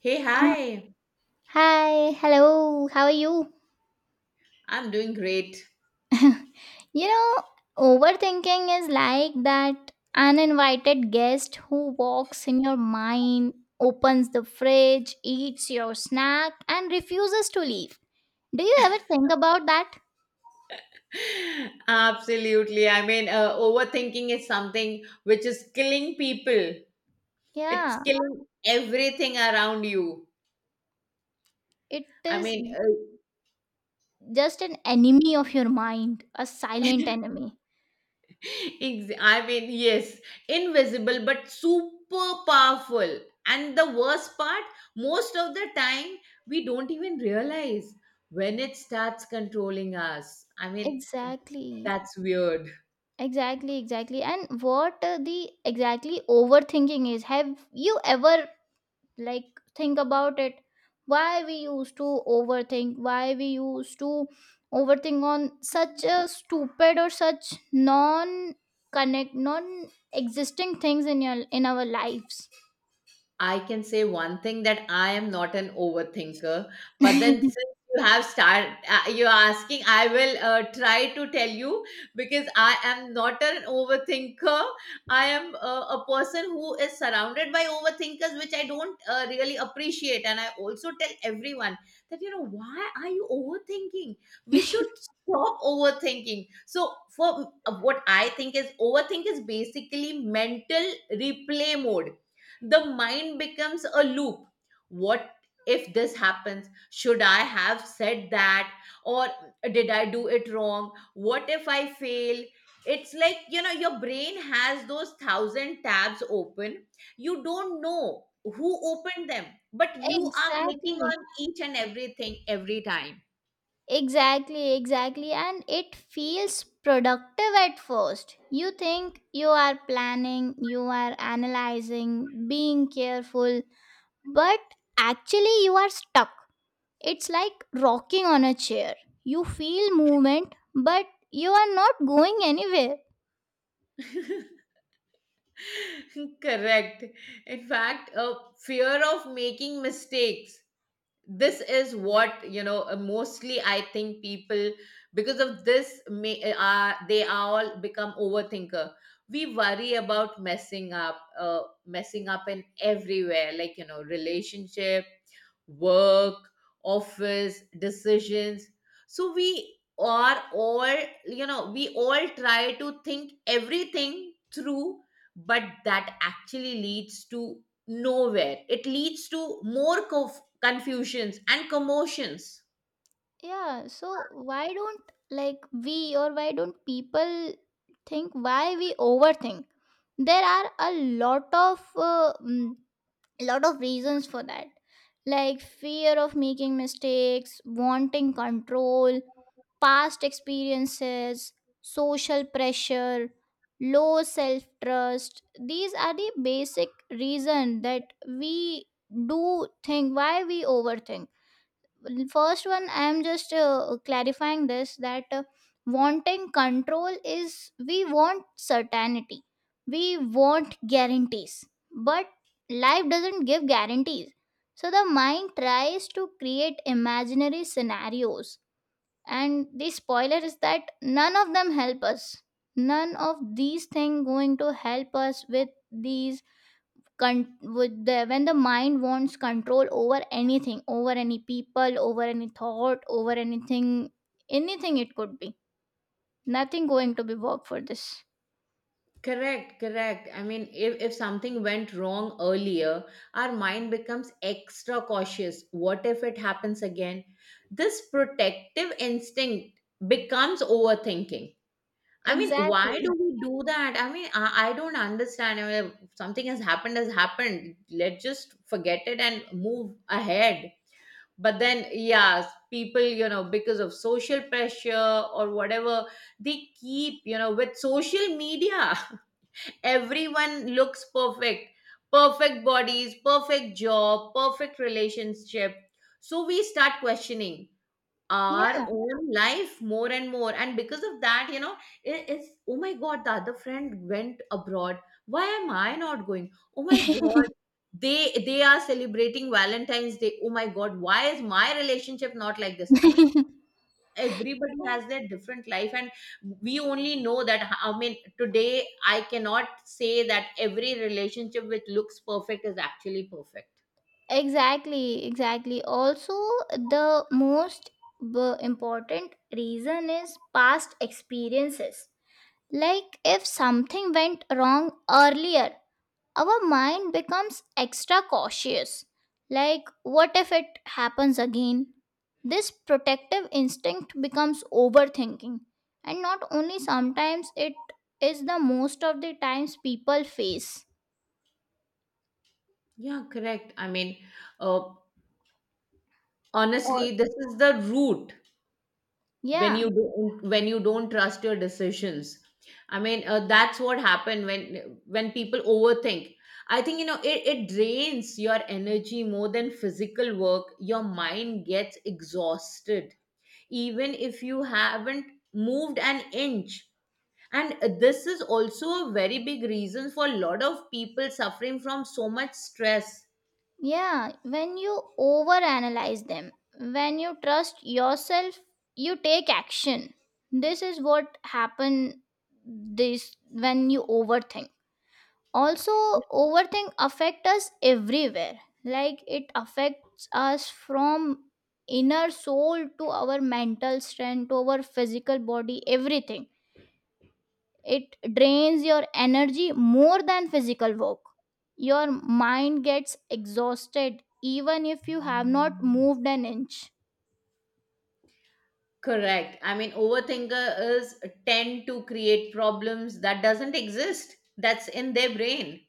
Hey, hi. Hi, hello, how are you? I'm doing great. You know, overthinking is like that uninvited guest who walks in your mind, opens the fridge, eats your snack, and refuses to leave. Do you ever think about that? Absolutely. I mean, overthinking is something which is killing people. It's Yeah, killing everything around you. it I is mean, just an enemy of your mind, a silent enemy. I mean, yes, invisible but super powerful. And the worst part, most of the time, we don't even realize when it starts controlling us. I mean, Exactly, that's weird. exactly, And what the exactly overthinking is, have you ever like think about it, why we used to overthink, why we used to overthink on such a stupid or such non connect non existing things in your in our lives. I can say one thing that I am not an overthinker, but then exactly since you're asking, I will try to tell you because I am not an overthinker. I am a person who is surrounded by overthinkers, which I don't really appreciate. And I also tell everyone that, you know, why are you overthinking? We should stop overthinking. So, for what I think is, overthink is basically mental replay mode. The mind becomes a loop. What if this happens? Should I have said that? Or did I do it wrong? What if I fail? It's like, you know, your brain has those thousand tabs open. You don't know who opened them, but you are clicking on each and everything every time. exactly, and it feels productive at first. You think you are planning, you are analyzing, being careful, but actually you are stuck. It's like rocking on a chair. You feel movement, but you are not going anywhere. Correct. In fact, a fear of making mistakes, this is what you know, mostly I think people because of this may are they are all become overthinker. We worry about messing up in everywhere, like, you know, relationship, work, office, decisions. So we are all, you know, we all try to think everything through, but that actually leads to nowhere. It leads to more confusions and commotions. Yeah, so why don't like we, or why don't people think why we overthink? There are a lot of lot of reasons for that. Like fear of making mistakes, wanting control, past experiences, social pressure, low self trust. These are the basic reason that we do think why we overthink. First one, I am just clarifying this that wanting control is we want certainty, we want guarantees, but life doesn't give guarantees. So the mind tries to create imaginary scenarios, and the spoiler is that none of them help us, none of these things going to help us with with the, when the mind wants control over anything, over any people, over any thought, over anything, anything it could be, nothing going to be work for this. Correct, correct. I mean, if something went wrong earlier, our mind becomes extra cautious. What if it happens again? This protective instinct becomes overthinking. I mean, why do Exactly, we do that? I mean, I don't understand. I mean, something has happened, has happened. Let's just forget it and move ahead. But then, yes, people, you know, because of social pressure or whatever, they keep, you know, with social media, everyone looks perfect. Perfect bodies, perfect job, perfect relationship. So we start questioning our yeah. own life more and more, and because of that, you know, it's oh my God, the other friend went abroad, why am I not going? Oh my God, they are celebrating Valentine's Day. Oh my God, why is my relationship not like this? I mean, everybody has their different life, and we only know that. I mean, today I cannot say that every relationship which looks perfect is actually perfect. Exactly, exactly. Also, the most important reason is past experiences. Like if something went wrong earlier, our mind becomes extra cautious. Like, what if it happens again? This protective instinct becomes overthinking. And not only sometimes, it is the most of the times people face. Yeah, correct. I mean, uh, Or, honestly, this is the root. when you yeah. don't when you don't trust your decisions, I mean, that's what happened when people overthink. I think, you know, it drains your energy more than physical work. Your mind gets exhausted even if you haven't moved an inch, and this is also a very big reason for a lot of people suffering from so much stress. Yeah, when you overanalyze them, when you trust yourself, you take action. This is what happen, this when you overthink. Also, overthink affect us everywhere. Like it affects us from inner soul to our mental strength to our physical body, everything. It drains your energy more than physical work. Your mind gets exhausted even if you have not moved an inch. Correct. I mean, overthinker is tend to create problems that doesn't exist. That's in their brain.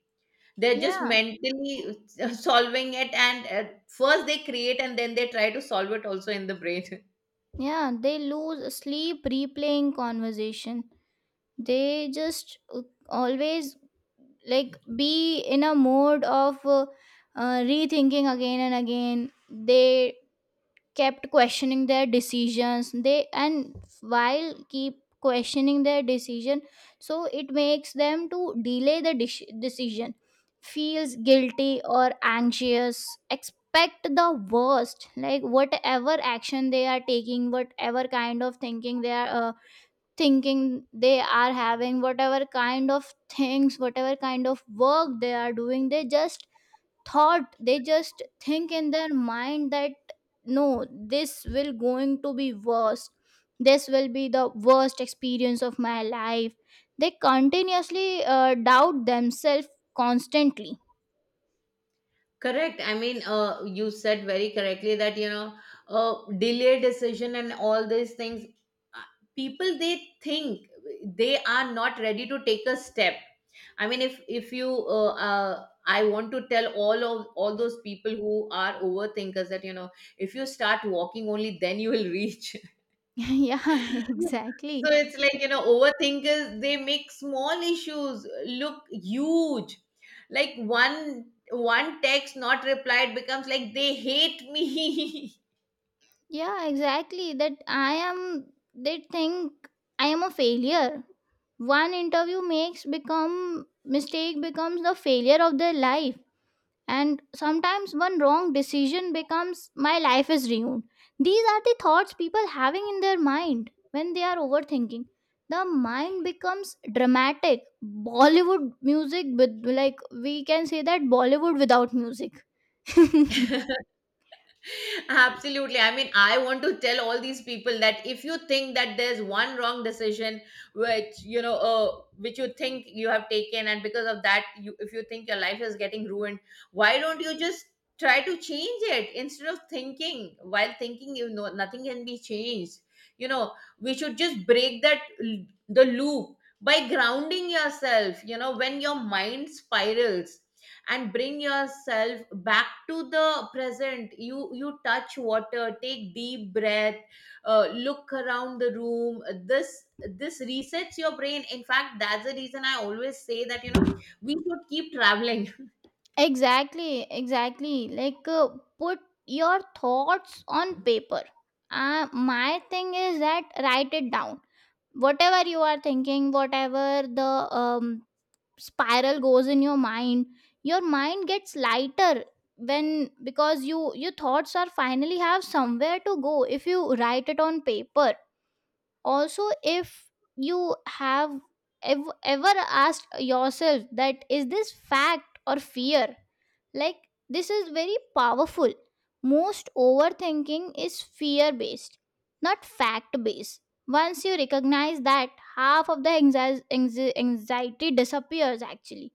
They're just Yeah, mentally solving it, and first they create, and then they try to solve it also in the brain. yeah, they lose sleep replaying conversation. They just always like be in a mode of rethinking again and again. They kept questioning their decisions, they, and while keep questioning their decision, so it makes them to delay the decision, feels guilty or anxious, expect the worst. Like whatever action they are taking, whatever kind of thinking they are having, whatever kind of things, whatever kind of work they are doing, they just thought, they just think in their mind that no, this will going to be worst. This will be the worst experience of my life. They continuously doubt themselves constantly. Correct. I mean, you said very correctly that, you know, delay decision and all these things, uh, people, they think they are not ready to take a step. I mean, if you, I want to tell all those people who are overthinkers that, you know, if you start walking only then you will reach. Yeah. So Exactly. it's like, you know, overthinkers, they make small issues look huge. Like one text not replied becomes like they hate me. Yeah, exactly that. I am, they think, I am a failure. One interview makes become, mistake becomes the failure of their life. And sometimes one wrong decision becomes, my life is ruined. These are the thoughts people having in their mind when they are overthinking. The mind becomes dramatic Bollywood music, with, like we can say that, Bollywood without music. Absolutely. I mean, I want to tell all these people that if you think that there's one wrong decision which you know, which you think you have taken, and because of that, you if you think your life is getting ruined, why don't you just try to change it instead of thinking? While thinking, you know, nothing can be changed. You know, we should just break that the loop by grounding yourself. You know, when your mind spirals, and bring yourself back to the present, you touch water, take deep breath, look around the room. This resets your brain. In fact, that's the reason I always say that, you know, we should keep traveling. Exactly, exactly. Like put your thoughts on paper. My thing is that, write it down whatever you are thinking, whatever the um, spiral goes in your mind. Your mind gets lighter when, because you, your thoughts are finally have somewhere to go if you write it on paper. Also, if you have ever asked yourself that, is this fact or fear? Like, this is very powerful. Most overthinking is fear based, not fact based. Once you recognize that, half of the anxiety disappears actually.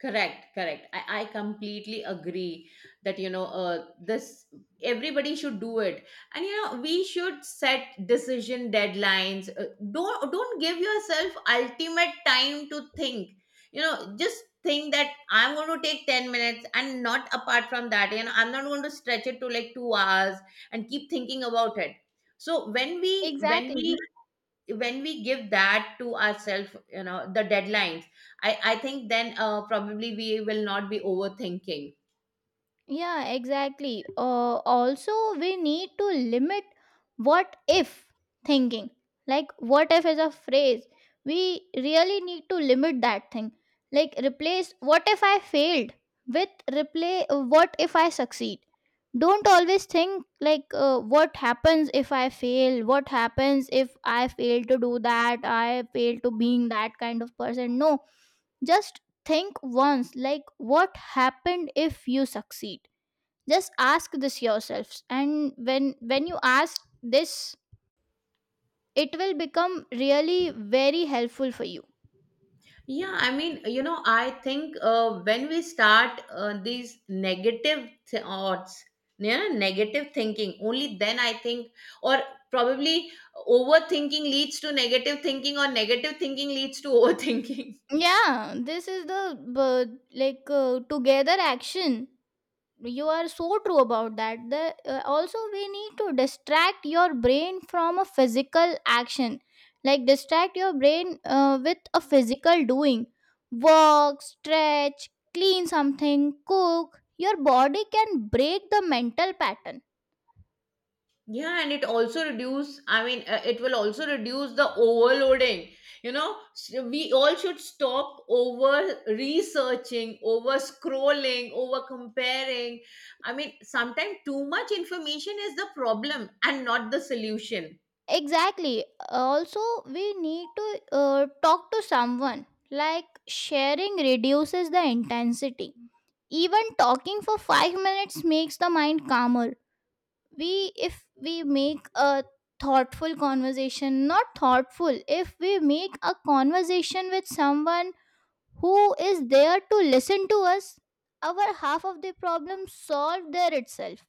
Correct, correct. I completely agree that, you know, this everybody should do it. And, you know, we should set decision deadlines. Don't give yourself ultimate time to think. You know, just think that I'm going to take 10 minutes and not apart from that. You know, I'm not going to stretch it to like 2 hours and keep thinking about it. So when we when we Exactly. when we give that to ourselves, you know, the deadlines, I think then probably we will not be overthinking. Yeah, exactly. Also, we need to limit what if thinking. Like, what if is a phrase. We really need to limit that thing. Like, replace what if I failed with replay what if I succeed. Don't always think like what happens if I fail, what happens if I fail to do that, I fail to being that kind of person. No, just think once like what happened if you succeed. Just ask this yourselves, and when you ask this, it will become really very helpful for you. Yeah, I mean, you know, I think when we start these negative thoughts, you know, negative thinking, only then I think, or probably overthinking leads to negative thinking, or negative thinking leads to overthinking. Yeah, this is the uh, like together action. You are so true about that. The also, we need to distract your brain from a physical action, like distract your brain with a physical doing. Walk, stretch, clean something, cook. Your body can break the mental pattern. Yeah, and it also reduce, I mean, it will also reduce the overloading. You know, so we all should stop over researching, over scrolling, over comparing. I mean, sometimes too much information is the problem and not the solution. Exactly. Also, we need to talk to someone, like sharing reduces the intensity. Even talking for 5 minutes makes the mind calmer. We, if we make a thoughtful conversation not thoughtful, if we make a conversation with someone who is there to listen to us, our half of the problem solved there itself.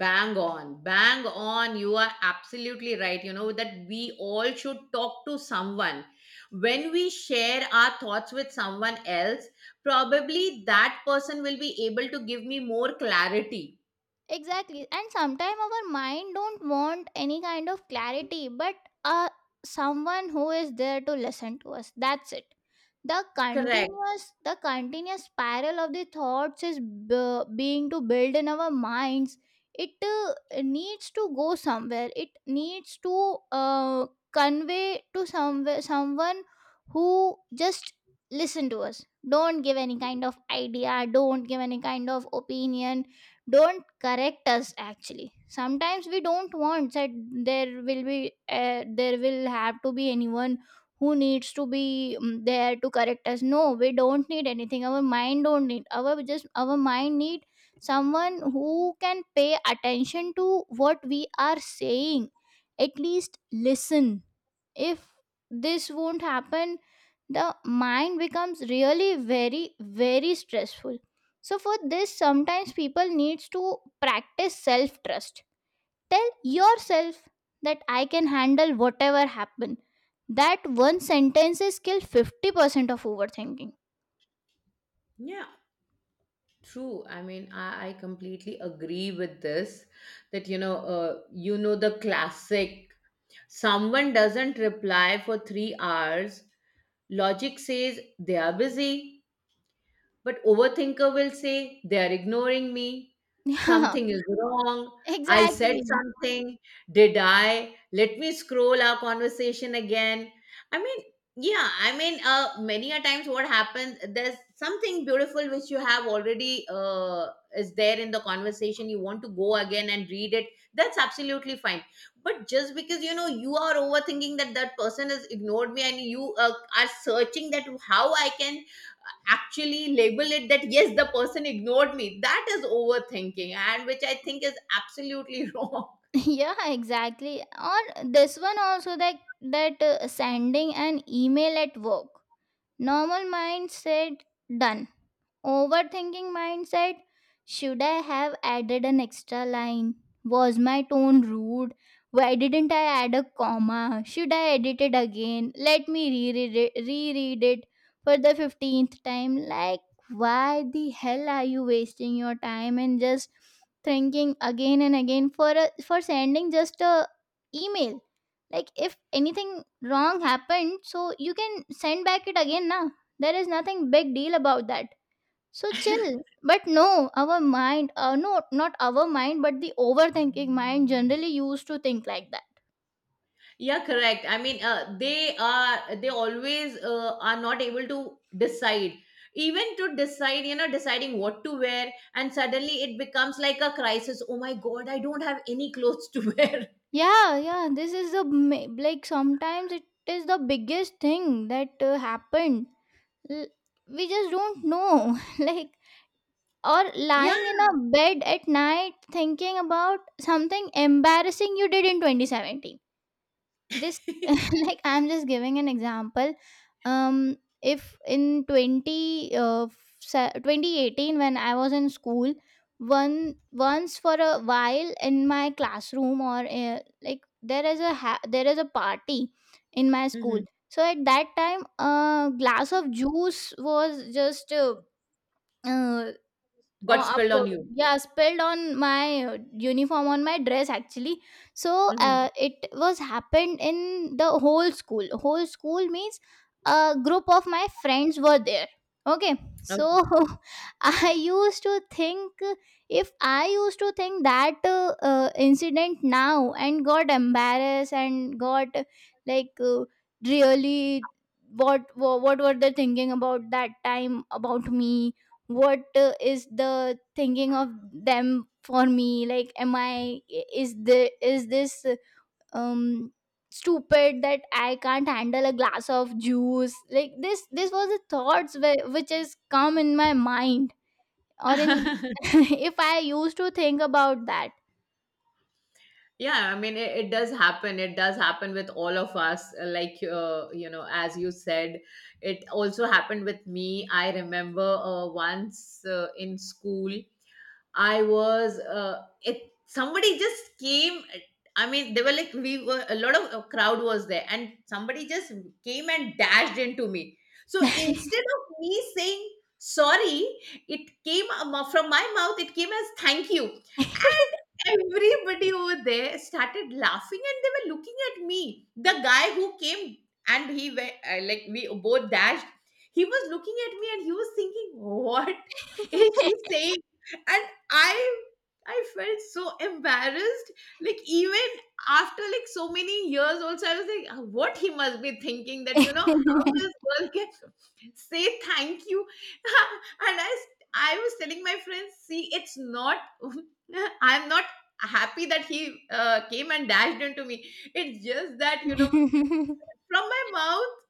Bang on, bang on. You are absolutely right. You know that we all should talk to someone. When we share our thoughts with someone else, probably that person will be able to give me more clarity. Exactly. And sometimes our mind don't want any kind of clarity, but uh someone who is there to listen to us, that's it. the Correct. continuous the continuous spiral of the thoughts is being to build in our minds. It needs to go somewhere. It needs to convey to somewhere, someone who just listen to us, don't give any kind of idea, don't give any kind of opinion, don't correct us. Actually, sometimes we don't want that. There will be there will have to be anyone who needs to be there to correct us. No, we don't need anything. Our mind don't need, our, just our mind need someone who can pay attention to what we are saying, at least listen. If this won't happen, the mind becomes really very very stressful. So for this, sometimes people needs to practice self trust. Tell yourself that I can handle whatever happen. That one sentence is kill 50% of overthinking. Yeah, true. I mean, I completely agree with this that, you know, the classic someone doesn't reply for 3 hours. Logic says they are busy. But overthinker will say, they are ignoring me. Something is wrong. Yeah, I said exactly. something. Did I? Let me scroll our conversation again. I mean, yeah, I mean, many a times what happens, there's something beautiful which you have already, is there in the conversation. You want to go again and read it. That's absolutely fine. But just because you know you are overthinking that that person has ignored me, and you are searching that how I can actually label it that yes the person ignored me, that is overthinking, and which I think is absolutely wrong. Yeah, exactly. Or this one also that, sending an email at work. Normal mind said done. Overthinking mindset: should I have added an extra line? Was my tone rude? Why didn't I add a comma? Should I edit it again? Let me reread it for the 15th time. Like, why the hell are you wasting your time and just thinking again and again for a, for sending just a email? Like, if anything wrong happened, so you can send back it again now. There is nothing big deal about that, so chill. But no, our mind, no, not our mind, but the overthinking mind generally used to think like that. Yeah, correct. I mean, they always, are not able to decide. Even to decide, you know, deciding what to wear, and suddenly it becomes like a crisis. Oh my God, I don't have any clothes to wear. Yeah, yeah, this is the, like, sometimes it is the biggest thing that happened. L- we just don't know. Like, or lying in Yeah. a bed at night thinking about something embarrassing you did in 2017. This like, I'm just giving an example. If in 2018, when I was in school, one once for a while in my classroom, or like, there is a there is a party in my school. Mhm. So at that time, a glass of juice was just uh, Oh, Got spilled on you. yeah, spilled on my uniform, on my dress actually. So Mhm. It was happened in the whole school. Whole school means a group of my friends were there. Okay, so I used to think, if I used to think that incident now, and got embarrassed, and got like really, what were they thinking about, that time about me, what is the thinking of them for me. Like, am I, is this um stupid that I can't handle a glass of juice like this? This was the thoughts which has come in my mind, or in Okay. if I used to think about that. Yeah, I mean, it does happen with all of us, like, you know, as you said, it also happened with me. I remember, once, in school, I was it somebody just came, I mean, they were like we were a lot of, crowd was there, and somebody just came and dashed into me. So instead of me saying sorry, it came from my mouth it came as thank you. Everybody over there started laughing, and they were looking at me. The guy who came, and he went, like, we both dashed. He was looking at me and he was thinking, what is she saying? And I felt so embarrassed. Like, even after like so many years also, I was like, "Ah, what he must be thinking that, you know, how this girl can say thank you." And I was telling my friends, see, it's not, I'm not happy that he came and dashed into me. It's just that, you know, from my mouth,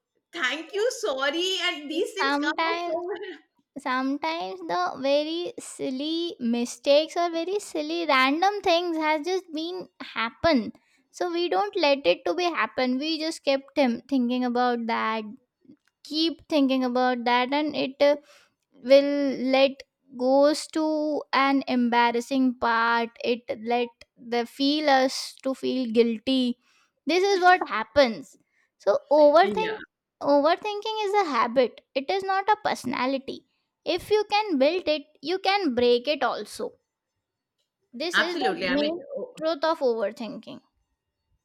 thank you, sorry, and these things come out so Sometimes, well. The very silly mistakes or very silly random things has just been happen. So we don't let it to be happen, we just kept him thinking about that, keep thinking about that. And it will let goes to an embarrassing part. It let the feel us to feel guilty. This is what happens. So Yeah, overthinking is a habit, it is not a personality. If you can build it, you can break it also. This is the absolutely. I mean, main o- truth of overthinking.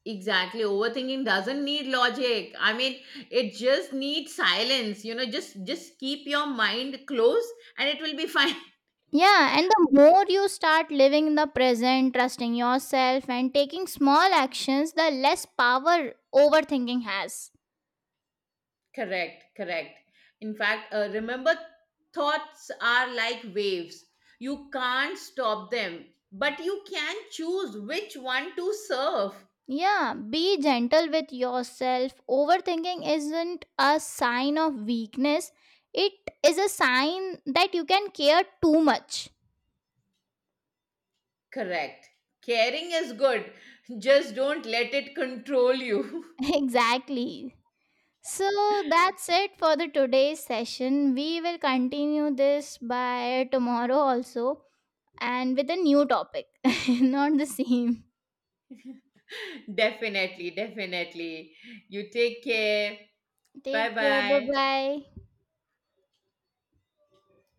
exactly. Overthinking doesn't need logic. I mean, it just needs silence. You know, just keep your mind closed, and it will be fine. Yeah, and the more you start living in the present, trusting yourself, and taking small actions, the less power overthinking has. Correct, correct. In fact, remember, thoughts are like waves. You can't stop them, but you can choose which one to surf. Yeah, be gentle with yourself. Overthinking isn't a sign of weakness, it is a sign that you can care too much. Correct. Caring is good. Just don't let it control you. Exactly. So that's it for the today's session. We will continue this by tomorrow also, and with a new topic, not the same. Definitely, definitely. You take care. Take Bye care. Bye bye. bye.